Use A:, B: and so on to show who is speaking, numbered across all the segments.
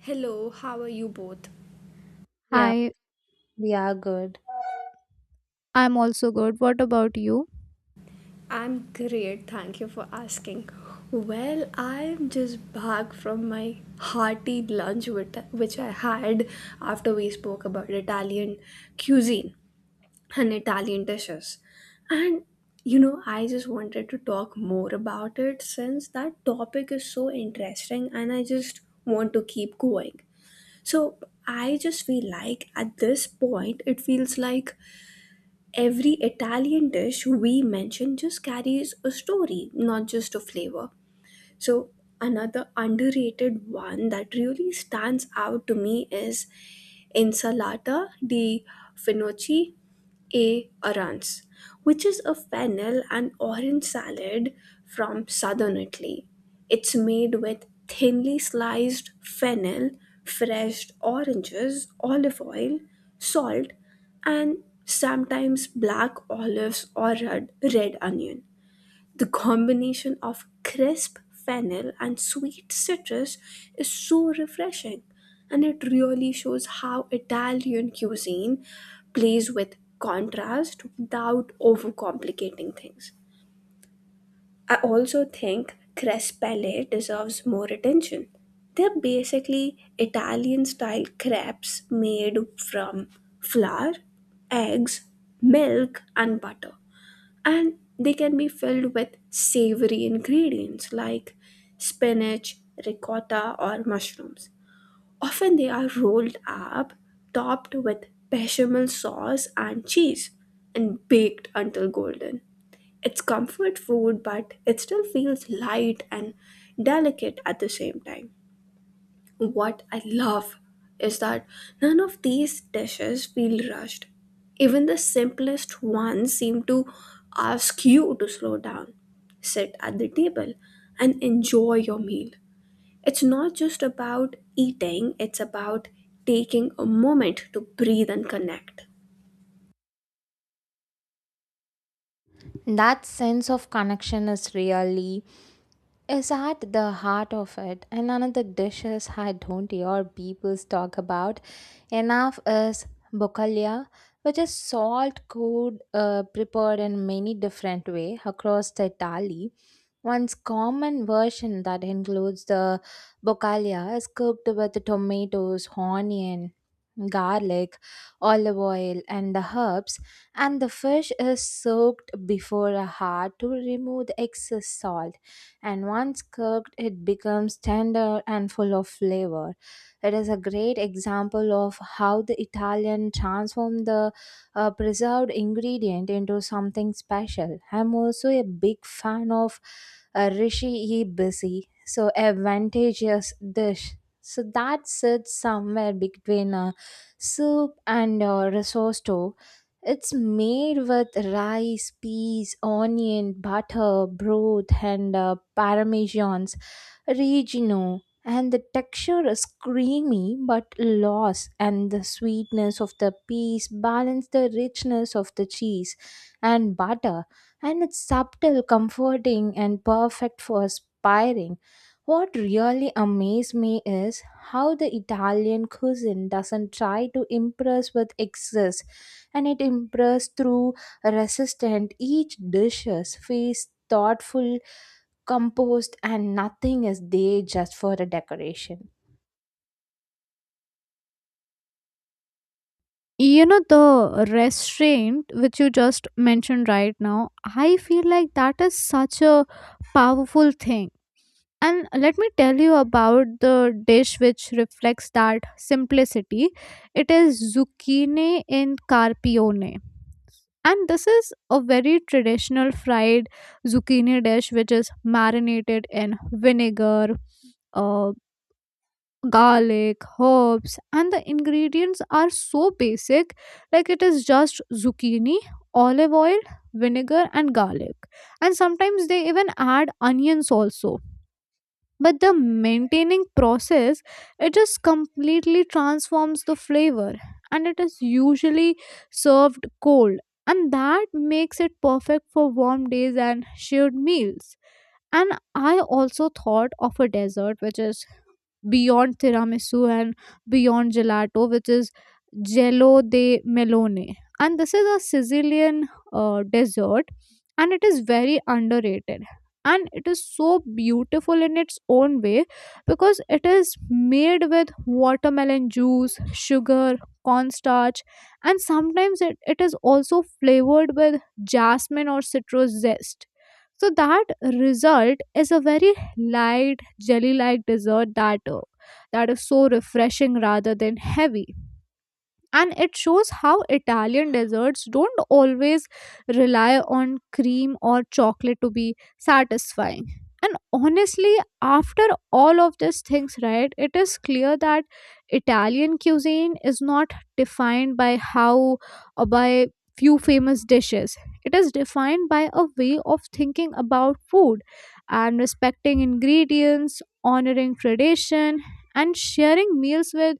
A: Hello, how are you both?
B: Yeah,
C: Hi,
B: we are good.
C: I'm also good. What about you?
A: I'm great, thank you for asking. Well, I'm just back from my hearty lunch with, which I had after we spoke about Italian cuisine and Italian dishes. And you know, I just wanted to talk more about it since that topic is so interesting and I just want to keep going. So, I just feel like at this point, it feels like every Italian dish we mention just carries a story, not just a flavor. So, another underrated one that really stands out to me is insalata di Finocchi e arance, which is a fennel and orange salad from southern Italy. It's made with thinly sliced fennel, fresh oranges, olive oil, salt, and sometimes black olives or red onion. The combination of crisp fennel and sweet citrus is so refreshing, and it really shows how Italian cuisine plays with contrast without overcomplicating things. I also think crisp pelle deserves more attention. They're basically Italian style crepes made from flour, eggs, milk, and butter and they can be filled with savory ingredients like spinach, ricotta, or mushrooms. Often they are rolled up, topped with bechamel sauce and cheese, and baked until golden. It's comfort food, but it still feels light and delicate at the same time. What I love is that none of these dishes feel rushed. Even the simplest ones seem to ask you to slow down, sit at the table, and enjoy your meal. It's not just about eating, it's about taking a moment to breathe and connect.
B: That sense of connection is really is at the heart of it. And another dishes I don't hear people talk about enough is bokalia, which is salt cod prepared in many different way across the Italy. One's common version that includes the bocalia is cooked with tomatoes, onion, garlic, olive oil, and the herbs, and the fish is soaked before a heart to remove the excess salt, and once cooked, it becomes tender and full of flavor. It is a great example of how the Italian transformed the preserved ingredient into something special. I'm also a big fan of Rishi Ibisi, so a vantageous dish. So that sits somewhere between a soup and a risotto. It's made with rice, peas, onion, butter, broth, and parmesans, regino. And the texture is creamy but loose, and the sweetness of the peas balance the richness of the cheese and butter. And it's subtle, comforting, and perfect for aspiring. What really amazed me is how the Italian cuisine doesn't try to impress with excess, and it improves through resistant each dishes face thoughtful composed, and nothing is there just for a decoration.
C: You know, the restraint which you just mentioned right now, I feel like that is such a powerful thing. And let me tell you about the dish which reflects that simplicity. It is zucchini in carpione. And this is a very traditional fried zucchini dish which is marinated in vinegar, uh, garlic, herbs, and the ingredients are so basic like it is just zucchini, olive oil, vinegar, and garlic. And sometimes they even add onions also. But the maintaining process, it just completely transforms the flavor and it is usually served cold. And that makes it perfect for warm days and shared meals. And I also thought of a dessert which is beyond tiramisu and beyond gelato which is jello de melone, and this is a Sicilian dessert, and it is very underrated, and it is so beautiful in its own way because it is made with watermelon juice, sugar, cornstarch, and sometimes it is also flavored with jasmine or citrus zest, so that result is a very light jelly like dessert that that is so refreshing rather than heavy, and it shows how Italian desserts don't always rely on cream or chocolate to be satisfying. And honestly, after all of these things, right, it is clear that Italian cuisine is not defined by how or by few famous dishes. It is defined by a way of thinking about food and respecting ingredients, honoring tradition, and sharing meals with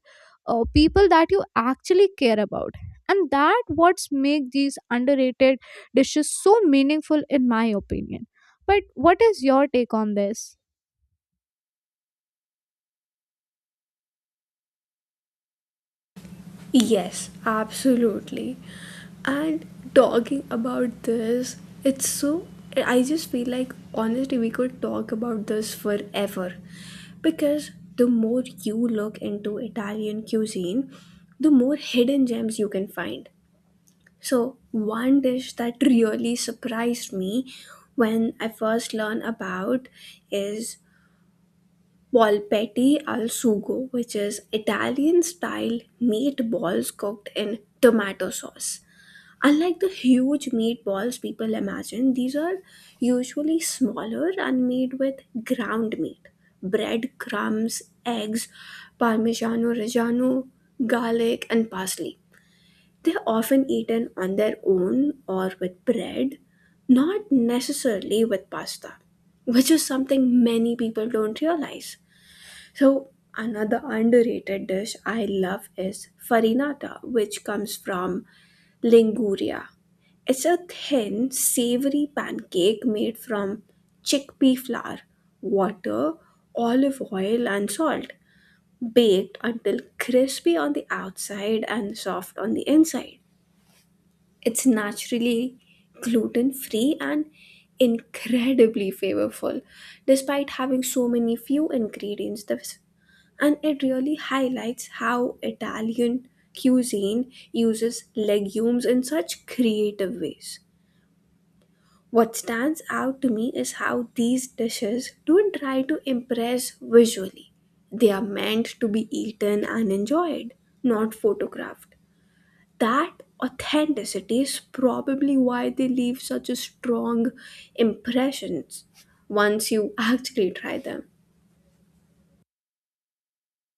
C: people that you actually care about, and that what's make these underrated dishes so meaningful in my opinion. But what is your take on this?
A: Yes, absolutely. And talking about this, it's so. I just feel like honestly, we could talk about this forever, because the more you look into Italian cuisine, the more hidden gems you can find. So, one dish that really surprised me when I first learned about is Polpetti al sugo, which is Italian style meatballs cooked in tomato sauce. Unlike the huge meatballs people imagine, these are usually smaller and made with ground meat, bread, crumbs, eggs, parmigiano reggiano, garlic, and parsley. They are often eaten on their own or with bread, not necessarily with pasta, which is something many people don't realize. So another underrated dish I love is farinata, which comes from Liguria. It's a thin, savory pancake made from chickpea flour, water, olive oil, and salt, baked until crispy on the outside and soft on the inside. It's naturally gluten free and incredibly flavorful, despite having so many few ingredients the and it really highlights how Italian cuisine uses legumes in such creative ways. What stands out to me is how these dishes don't try to impress visually. They are meant to be eaten and enjoyed, not photographed. That authenticity is probably why they leave such a strong impressions once you actually try them.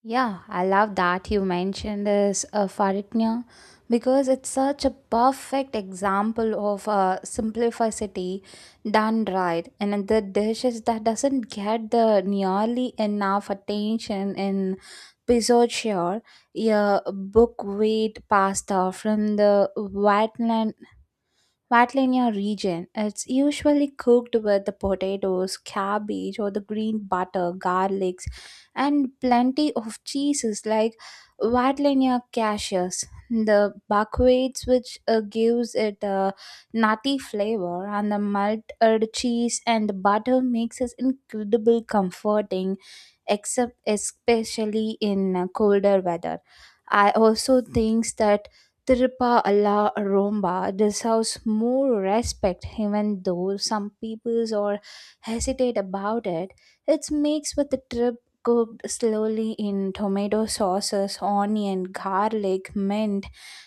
B: Yeah, I love that you mentioned this Faritnya, because it's such a perfect example of simplicity done right, and the dishes that doesn't get the nearly enough attention in Pizzochia, a buckwheat pasta from the wetland while in your region, it's usually cooked with the potatoes, cabbage, or the green butter, garlics, and plenty of cheeses like Vatlinia cashews. The buckwheats, which gives it a nutty flavor, and the melted cheese and the butter makes it incredible comforting, except especially in colder weather. I also think that Tiruppa alla Romba deserves more respect, even though some peoples are hesitate about it. It's mixed with the trip cooked slowly in tomato sauces, onion, garlic, mint,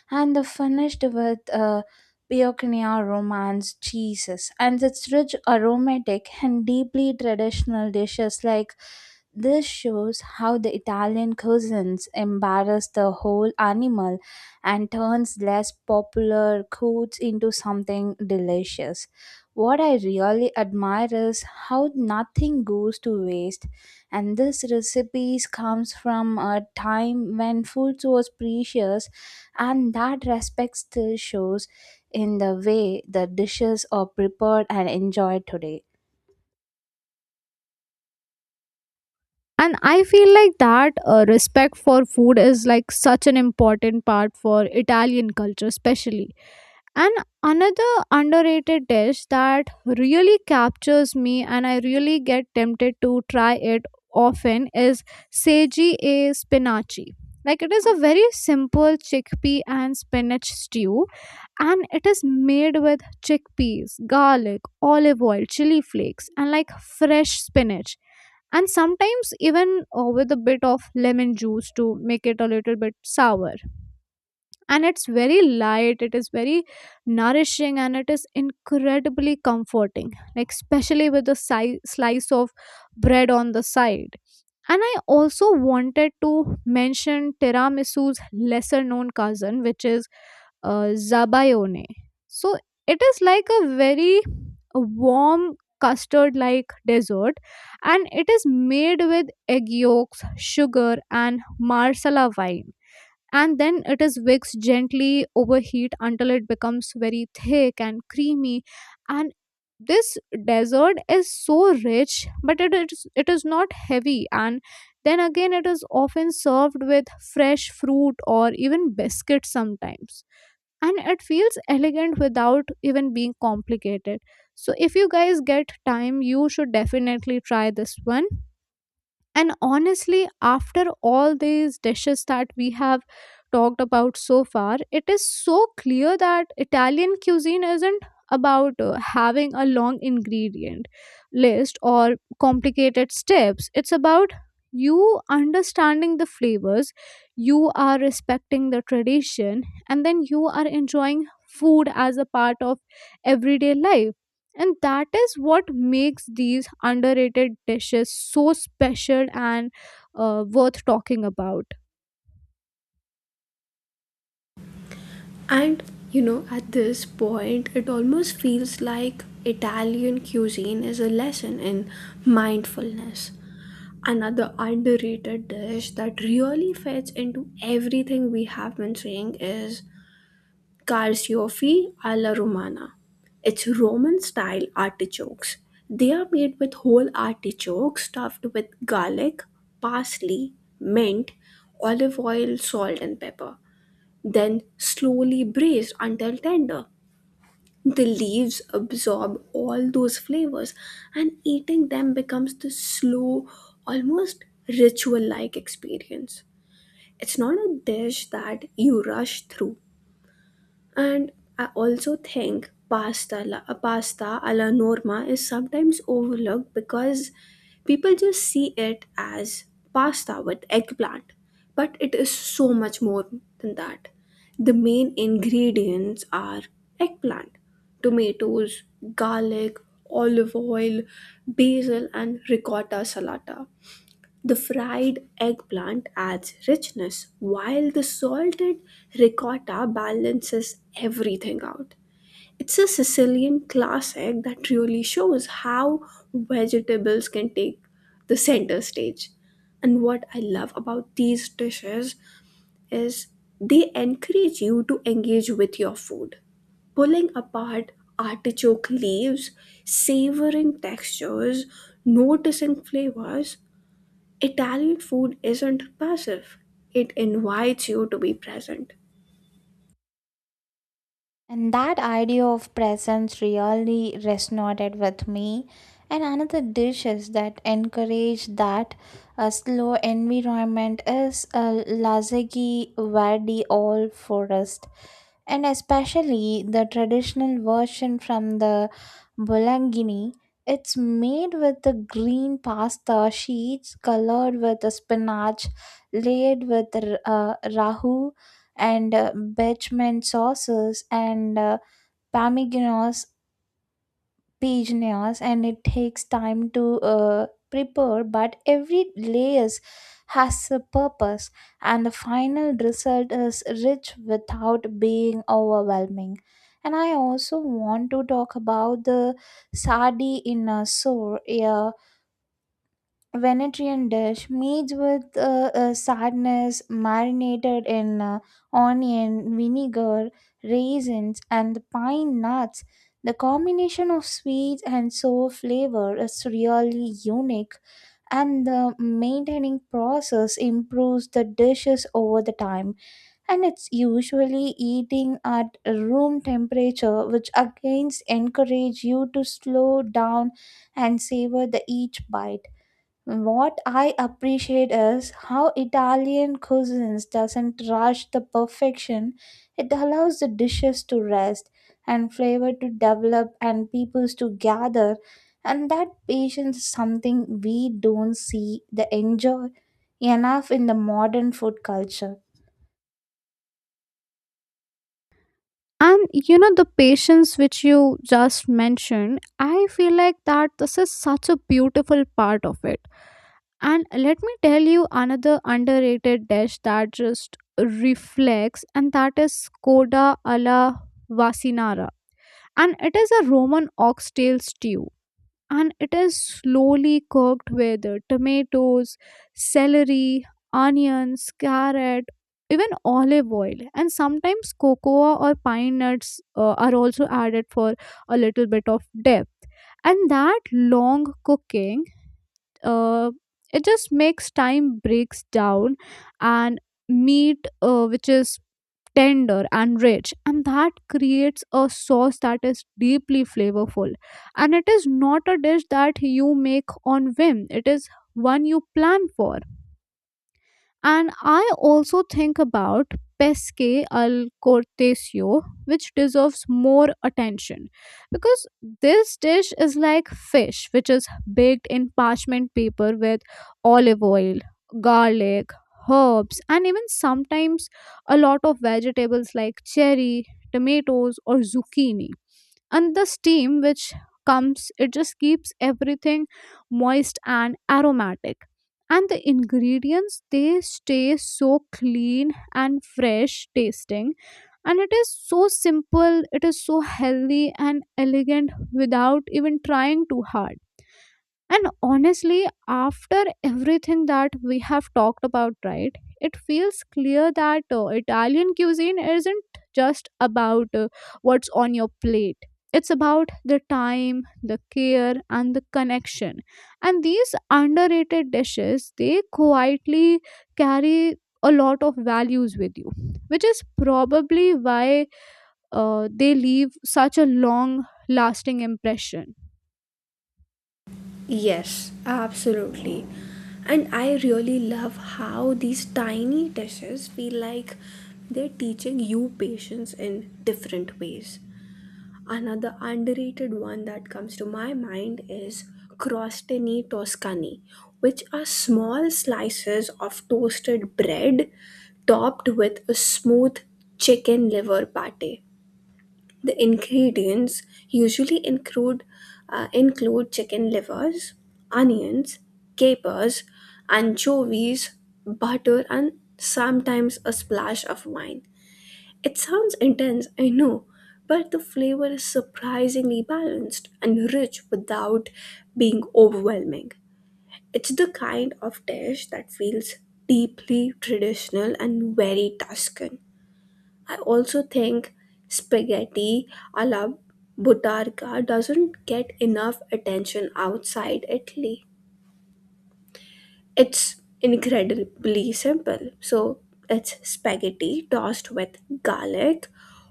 B: and the finished with Biochnia romance cheeses. And its rich, aromatic, and deeply traditional dishes like this shows how the Italian cousins embarrass the whole animal and turns less popular foods into something delicious. What I really admire is how nothing goes to waste, and this recipes comes from a time when food was precious, and that respect still shows in the way the dishes are prepared and enjoyed today.
C: And I feel like that respect for food is like such an important part for Italian culture especially. And another underrated dish that really captures me and I really get tempted to try it often is seji e spinaci. Like it is a very simple chickpea and spinach stew, and it is made with chickpeas, garlic, olive oil, chili flakes, and like fresh spinach. And sometimes even with a bit of lemon juice to make it a little bit sour. And it's very light, it is very nourishing, and it is incredibly comforting, like, especially with a slice of bread on the side. And I also wanted to mention tiramisu's lesser known cousin, which is zabayone. So it is like a very warm custard like dessert, and it is made with egg yolks, sugar, and marsala wine, and then it is whisked gently over heat until it becomes very thick and creamy. And this dessert is so rich but it is not heavy, and then again it is often served with fresh fruit or even biscuit sometimes, and it feels elegant without even being complicated. So if you guys get time, you should definitely try this one. And honestly, after all these dishes that we have talked about so far, it is so clear that Italian cuisine isn't about having a long ingredient list or complicated steps. It's about you understanding the flavors, you are respecting the tradition, and then you are enjoying food as a part of everyday life, and that is what makes these underrated dishes so special and worth talking about.
A: And you know, at this point, it almost feels like Italian cuisine is a lesson in mindfulness. Another underrated dish that really fits into everything we have been saying is carciofi alla romana. It's Roman style artichokes. They are made with whole artichokes stuffed with garlic, parsley, mint, olive oil, salt, and pepper then slowly braised until tender. The leaves absorb all those flavors, and eating them becomes this slow, almost ritual like experience. It's not a dish that you rush through, and I also think pasta alla norma is sometimes overlooked because people just see it as pasta with eggplant. But it is so much more than that. The main ingredients are eggplant, tomatoes, garlic, olive oil, basil, and ricotta salata. The fried eggplant adds richness, while the salted ricotta balances everything out. It's a Sicilian classic that really shows how vegetables can take the center stage. And what I love about these dishes is they encourage you to engage with your food pulling apart artichoke leaves, savoring textures, noticing flavors, Italian food isn't passive, it invites you to be present.
B: And that idea of presence really resonated with me. And another dish is that encourage that a slow environment is a lazagi verdi all forest. And especially the traditional version from the Bolangini, it's made with the green pasta sheets colored with the spinach, laid with rahu and bechamel sauces and parmigianos pigeons, and it takes time to prepare, but every layers has a purpose, and the final result is rich without being overwhelming. And I also want to talk about the sadi in a sour, yeah, Venetrian dish made with sadness marinated in onion, vinegar, raisins, and the pine nuts. The combination of sweet and sour flavor is really unique, and the maintaining process improves the dishes over the time. And it's usually eating at room temperature, which again encourage you to slow down and savor the each bite. What I appreciate is how Italian cuisines doesn't rush the perfection. It allows the dishes to rest and flavor to develop and peoples to gather, and that patience is something we don't see the enjoy enough in the modern food culture.
C: And you know the patience which you just mentioned, I feel like that this is such a beautiful part of it. And let me tell you another underrated dish that just reflects, and that is koda alla vasinara, and it is a Roman oxtail stew, and it is slowly cooked with tomatoes, celery, onions, carrot, even olive oil, and sometimes cocoa or pine nuts are also added for a little bit of depth. And that long cooking, uh, it just makes time breaks down, and meat, which is tender and rich, and that creates a sauce that is deeply flavorful, and it is not a dish that you make on whim, it is one you plan for. And I also think about Pesce al Cortesio, which deserves more attention because this dish is like fish, which is baked in parchment paper with olive oil, garlic, herbs, and even sometimes a lot of vegetables like cherry, tomatoes, or zucchini. And the steam which comes, it just keeps everything moist and aromatic, and the ingredients they stay so clean and fresh tasting, and it is so simple, it is so healthy and elegant without even trying too hard. And honestly, after everything that we have talked about, right, it feels clear that Italian cuisine isn't just about what's on your plate. It's about the time, the care, and the connection. And these underrated dishes, they quietly carry a lot of values with you, which is probably why they leave such a long lasting impression.
A: Yes, absolutely. And I really love how these tiny dishes feel like they're teaching you patience in different ways. Another underrated one that comes to my mind is crostini toscani, which are small slices of toasted bread topped with a smooth chicken liver pate. The ingredients usually include chicken livers, onions, capers, anchovies, butter, and sometimes a splash of wine. It sounds intense, I know, but the flavor is surprisingly balanced and rich without being overwhelming. It's the kind of dish that feels deeply traditional and very Tuscan. I also think spaghetti a la Buttarka doesn't get enough attention outside Italy. It's incredibly simple. So it's spaghetti tossed with garlic,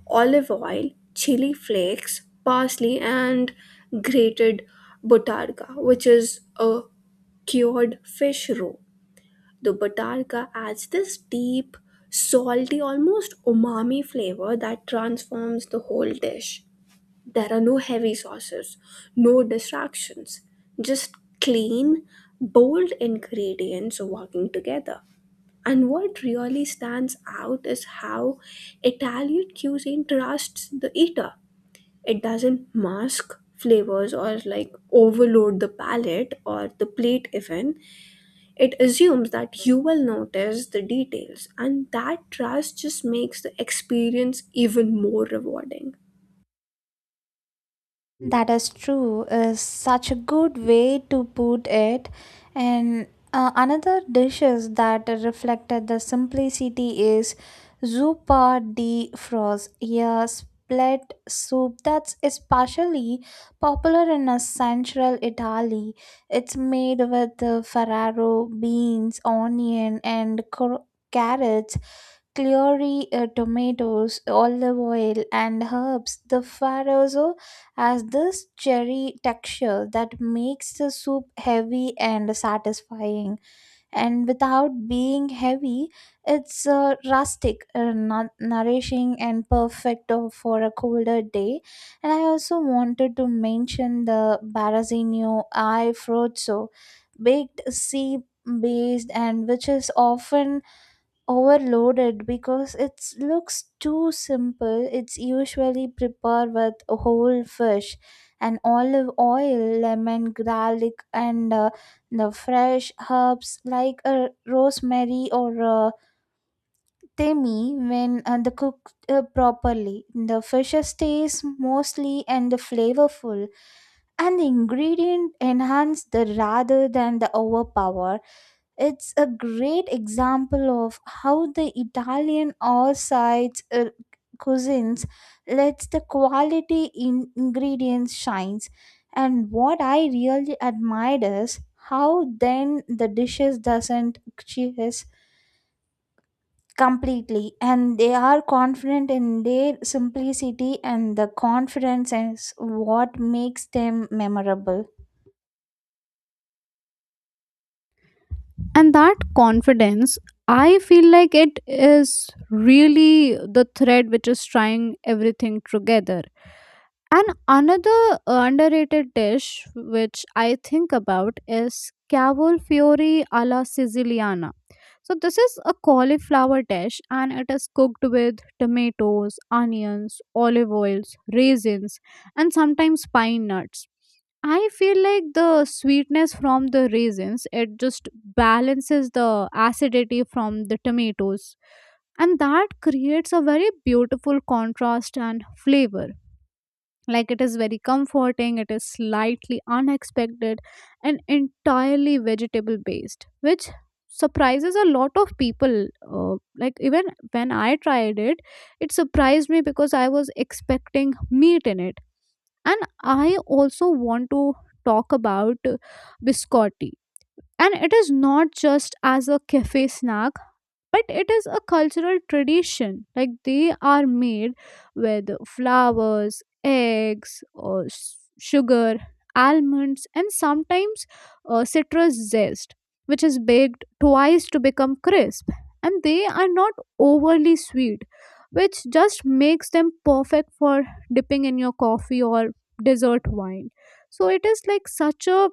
A: olive oil, chili flakes, parsley, and grated buttarga, which is a cured fish roe. The batarga adds this deep, salty, almost umami flavor that transforms the whole dish. There are no heavy sauces, no distractions, just clean, bold ingredients working together. And what really stands out is how Italian cuisine trusts the eater. It doesn't mask flavors or like overload the palate or the plate even it assumes that you will notice the details, and that trust just makes the experience even more rewarding.
B: That is true, is such a good way to put it. And another dishes that reflected the simplicity is zuppa di frost, yeah, split soup that's especially popular in central Italy. It's made with farro beans, onion, and carrots, celery, tomatoes, olive oil, and herbs. The farrozo has this cherry texture that makes the soup heavy and satisfying. And without being heavy, it's rustic, nourishing, and perfect for a colder day. And I also wanted to mention the Barazinho I Frozzo, baked sea based and which is often overloaded because it looks too simple. It's usually prepared with whole fish and olive oil, lemon, garlic, and the fresh herbs like rosemary or thyme. When the cooked properly, the fish stays mostly and the flavorful, and the ingredient enhance the rather than the overpower. It's a great example of how the Italian all sides cuisines lets the quality in ingredients shines. And what I really admired is how then the dishes doesn't chase completely, and they are confident in their simplicity, and the confidence is what makes them memorable.
C: And that confidence, I feel like it is really the thread which is trying everything together. And another underrated dish which I think about is cavolo fiori alla siciliana. So this is a cauliflower dish and it is cooked with tomatoes, onions, olive oils, raisins, and sometimes pine nuts. I feel like the sweetness from the raisins, it just balances the acidity from the tomatoes, and that creates a very beautiful contrast and flavor. Like it is very comforting, it is slightly unexpected, and entirely vegetable based, which surprises a lot of people. Like, even when I tried it, it surprised me because I was expecting meat in it. And I also want to talk about biscotti, and it is not just as a cafe snack, but it is a cultural tradition. Like they are made with flowers, eggs, or sugar, almonds, and sometimes citrus zest, which is baked twice to become crisp. And they are not overly sweet, which just makes them perfect for dipping in your coffee or dessert wine. So it is like such a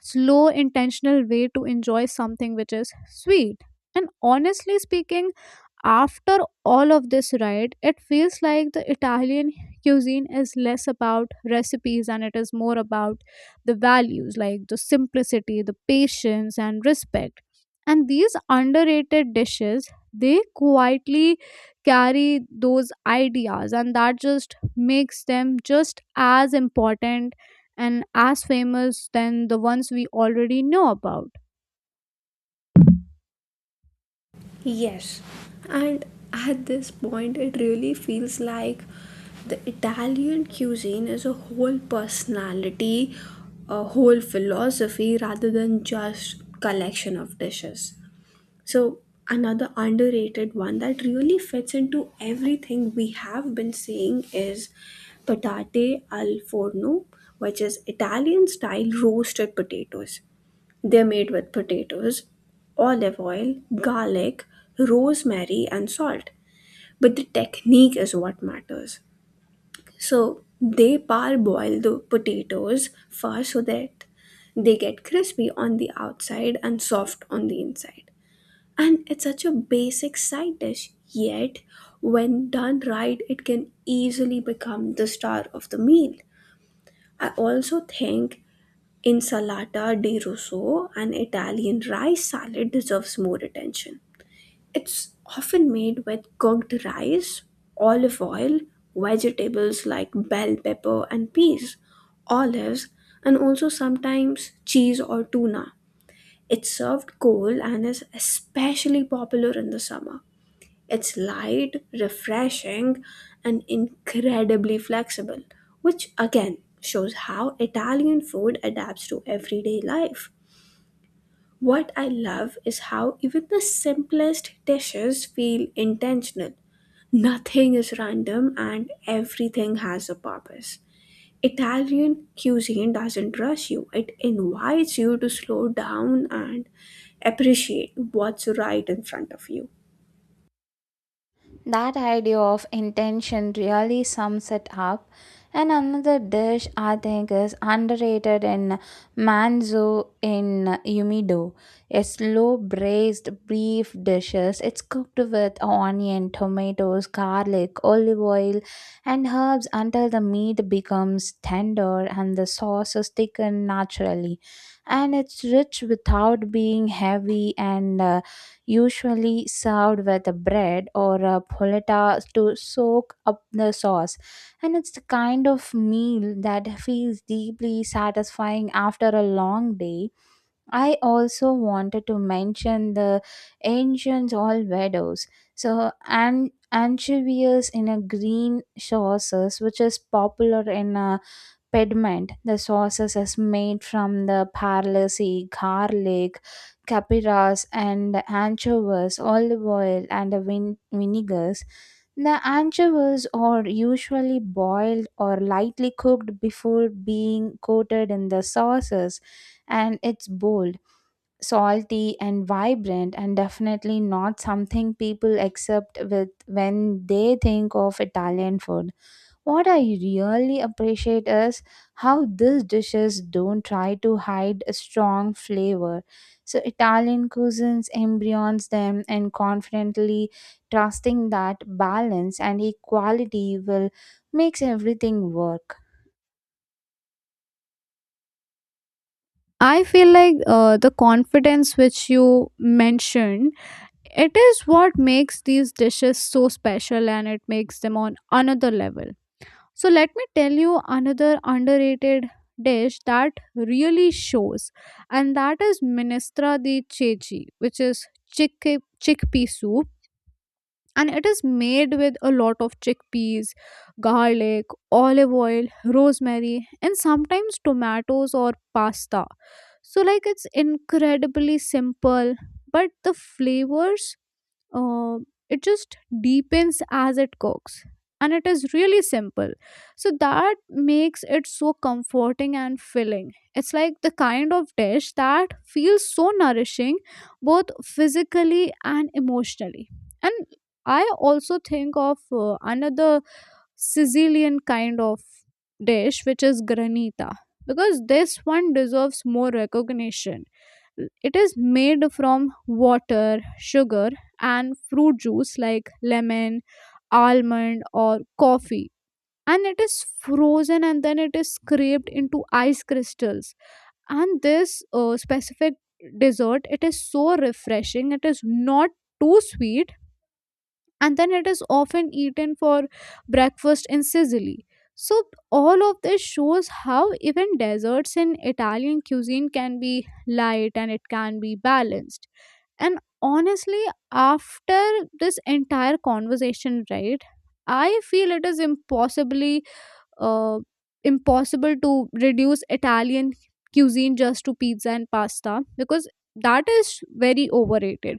C: slow intentional way to enjoy something which is sweet. And honestly speaking, after all of this, right, it feels like the Italian cuisine is less about recipes and it is more about the values, like the simplicity, the patience, and respect. And these underrated dishes, they quietly carry those ideas, and that just makes them just as important and as famous than the ones we already know about.
A: Yes, and at this point, it really feels like the Italian cuisine is a whole personality, a whole philosophy rather than just collection of dishes. So, another underrated one that really fits into everything we have been saying is patate al forno, which is Italian style roasted potatoes. They're made with potatoes, olive oil, garlic, rosemary, and salt. But the technique is what matters. So, they parboil the potatoes first so that they get crispy on the outside and soft on the inside and it's such a basic side dish, yet, when done right, it can easily become the star of the meal. I also think insalata di rosso, an Italian rice salad, deserves more attention. It's often made with cooked rice, olive oil, vegetables like bell pepper and peas, olives, and also sometimes cheese or tuna. It's served cold and is especially popular in the summer. It's light, refreshing, and incredibly flexible, which again shows how Italian food adapts to everyday life. What I love is how even the simplest dishes feel intentional. Nothing is random and everything has a purpose. Italian cuisine doesn't rush you, it invites you to slow down and appreciate what's right in front of you.
B: That idea of intention really sums it up. And another dish I think is underrated in manzo in umido. A slow braised beef dishes. It's cooked with onion, tomatoes, garlic, olive oil, and herbs until the meat becomes tender and the sauce is thickened naturally. And it's rich without being heavy, and usually served with a bread or a polenta to soak up the sauce. And it's the kind of meal that feels deeply satisfying after a long day. I also wanted to mention the ancient Olvedos. So, and anchovies in a green sauces which is popular in Pediment, the sauces is made from the parsley, garlic, capers, and anchovies, olive oil, and vinegars. The anchovies are usually boiled or lightly cooked before being coated in the sauces, and it's bold, salty, and vibrant, and definitely not something people accept with when they think of Italian food. What I really appreciate is how these dishes don't try to hide a strong flavor. So Italian cuisines embryons them and confidently trusting that balance and equality will makes everything work.
C: I feel like the confidence which you mentioned, it is what makes these dishes so special and it makes them on another level. So, let me tell you another underrated dish that really shows, and that is minestra di ceci, which is chick- chickpea soup. And it is made with a lot of chickpeas, garlic, olive oil, rosemary, and sometimes tomatoes or pasta. So, like, it's incredibly simple, but the flavors, uh, it just deepens as it cooks, and it is really simple, so that makes it so comforting and filling. It's like the kind of dish that feels so nourishing both physically and emotionally. And I also think of another Sicilian kind of dish which is granita, because this one deserves more recognition. It is made from water, sugar, and fruit juice like lemon, almond, or coffee, and it is frozen and then it is scraped into ice crystals. And this specific dessert, it is so refreshing, it is not too sweet, and then it is often eaten for breakfast in Sicily. So all of this shows how even desserts in Italian cuisine can be light and it can be balanced. And honestly, after this entire conversation, right, I feel it is impossibly uh, impossible to reduce Italian cuisine just to pizza and pasta because that is very overrated.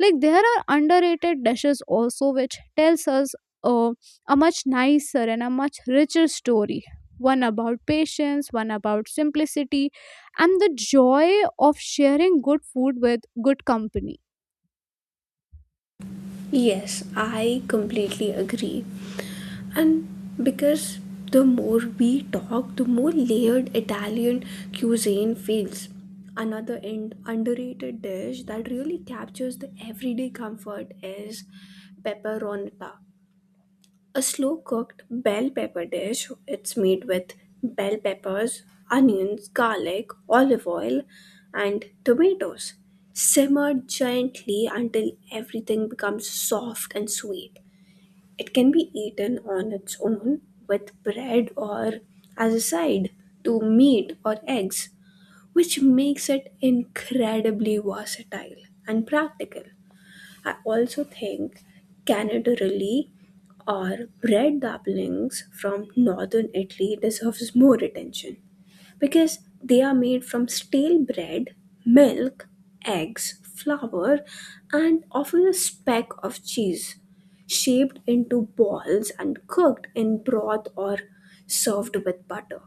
C: Like there are underrated dishes also, which tells us uh, a much nicer and a much richer story. One about patience, one about simplicity, and the joy of sharing good food with good company.
A: Yes, I completely agree. And because the more we talk, the more layered Italian cuisine feels. Another and underrated dish that really captures the everyday comfort is pepperonata, a slow cooked bell pepper dish. It's made with bell peppers, onions, garlic, olive oil, and tomatoes. Simmer gently until everything becomes soft and sweet. It can be eaten on its own with bread or as a side to meat or eggs, which makes it incredibly versatile and practical. I also think Canada really or bread dumplings from northern Italy deserves more attention because they are made from stale bread, milk, eggs, flour, and often a speck of cheese, shaped into balls and cooked in broth or served with butter.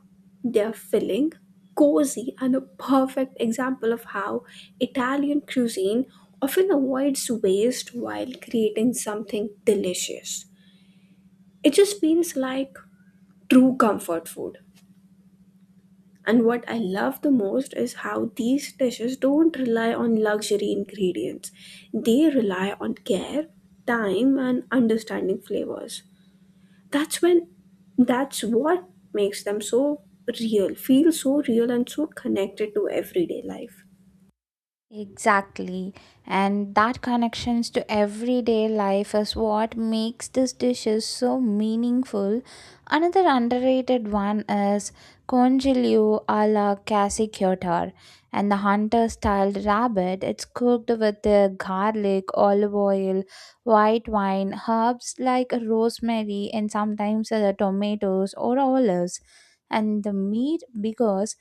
A: They are filling, cozy, and a perfect example of how Italian cuisine often avoids waste while creating something delicious. It just feels like true comfort food. And what I love the most is how these dishes don't rely on luxury ingredients. They rely on care, time, and understanding flavors. That's when that's what makes them feel so real and so connected to everyday life.
B: Exactly. And that connections to everyday life is what makes these dishes so meaningful. Another underrated one is congelio a la casiquiotar and the hunter style rabbit. It's cooked with the garlic, olive oil, white wine, herbs like rosemary, and sometimes tomatoes or olives. And the meat because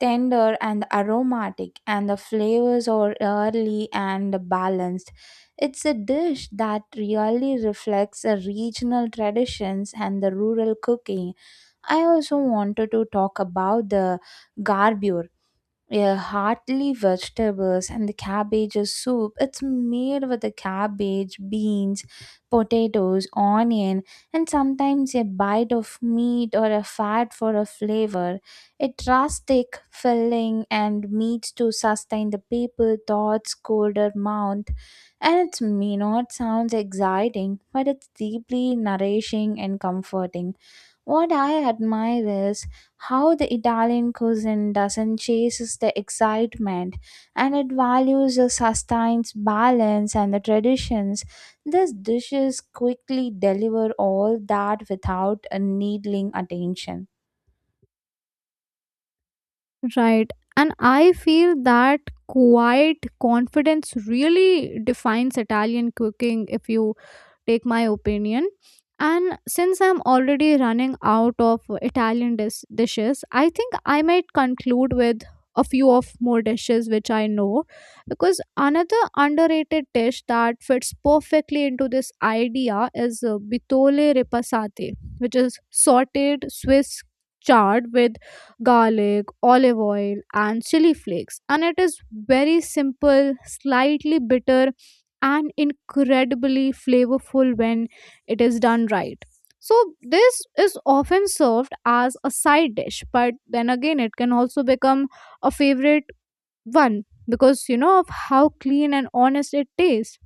B: tender and aromatic, and the flavors are early and balanced. It's a dish that really reflects the regional traditions and the rural cooking. I also wanted to talk about the garbura, yeah, heartily vegetables and the cabbage soup. It's made with the cabbage, beans, potatoes, onion, and sometimes a bite of meat or a fat for a flavor. It rustic, filling, and meats to sustain the people, thoughts, colder mouth. And it may not sound exciting, but it's deeply nourishing and comforting. What I admire is how the Italian cuisine doesn't chase the excitement, and it values the sustains balance and the traditions. These dishes quickly deliver all that without a needling attention.
C: Right. And I feel that quiet confidence really defines Italian cooking, if you take my opinion. And since I'm already running out of Italian dishes, I think I might conclude with a few of more dishes which I know. Because another underrated dish that fits perfectly into this idea is bitole repasate, which is sauteed Swiss chard with garlic, olive oil, and chili flakes, and it is very simple, slightly bitter, and incredibly flavorful when it is done right. So, this is often served as a side dish, but then again, it can also become a favorite one because, you know, of how clean and honest it tastes.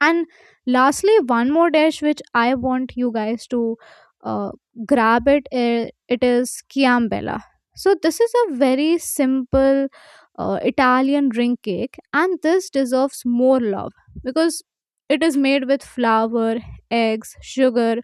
C: And lastly, one more dish which I want you guys to uh, grab it. It is Chiambella. So this is a very simple Italian ring cake, and this deserves more love because it is made with flour, eggs, sugar,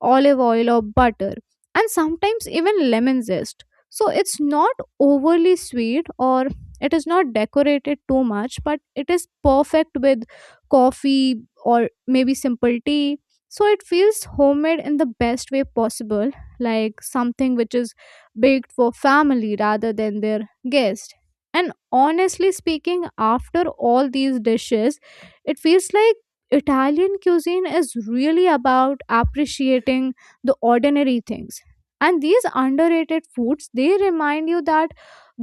C: olive oil or butter, and sometimes even lemon zest. So it's not overly sweet or it is not decorated too much, but it is perfect with coffee or maybe simple tea. So it feels homemade in the best way possible, like something which is baked for family rather than their guest. And honestly speaking, after all these dishes, it feels like Italian cuisine is really about appreciating the ordinary things. And these underrated foods, they remind you that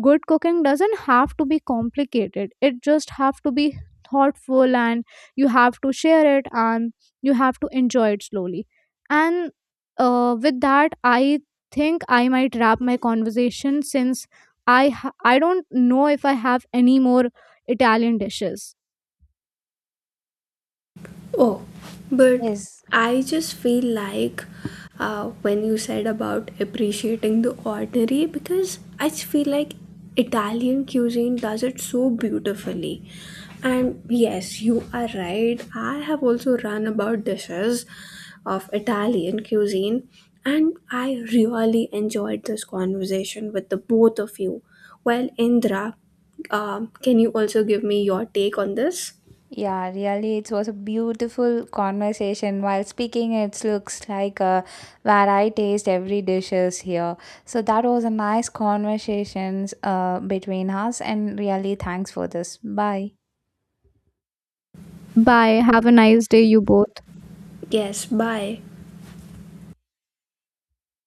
C: good cooking doesn't have to be complicated. It just have to be thoughtful, and you have to share it, and you have to enjoy it slowly. And with that, I think I might wrap my conversation since I don't know if I have any more Italian dishes.
A: Oh, but
B: Yes.
A: I just feel like when you said about appreciating the ordinary, because I just feel like Italian cuisine does it so beautifully. And yes, you are right. I have also run about dishes of Italian cuisine, and I really enjoyed this conversation with the both of you. Well, Indra, can you also give me your take on this?
B: Yeah, really, it was a beautiful conversation. While speaking, it looks like where I taste every dishes here. So that was a nice conversations between us, and really, thanks for this. Bye.
C: Bye. Have a nice day, you both.
A: Yes, bye.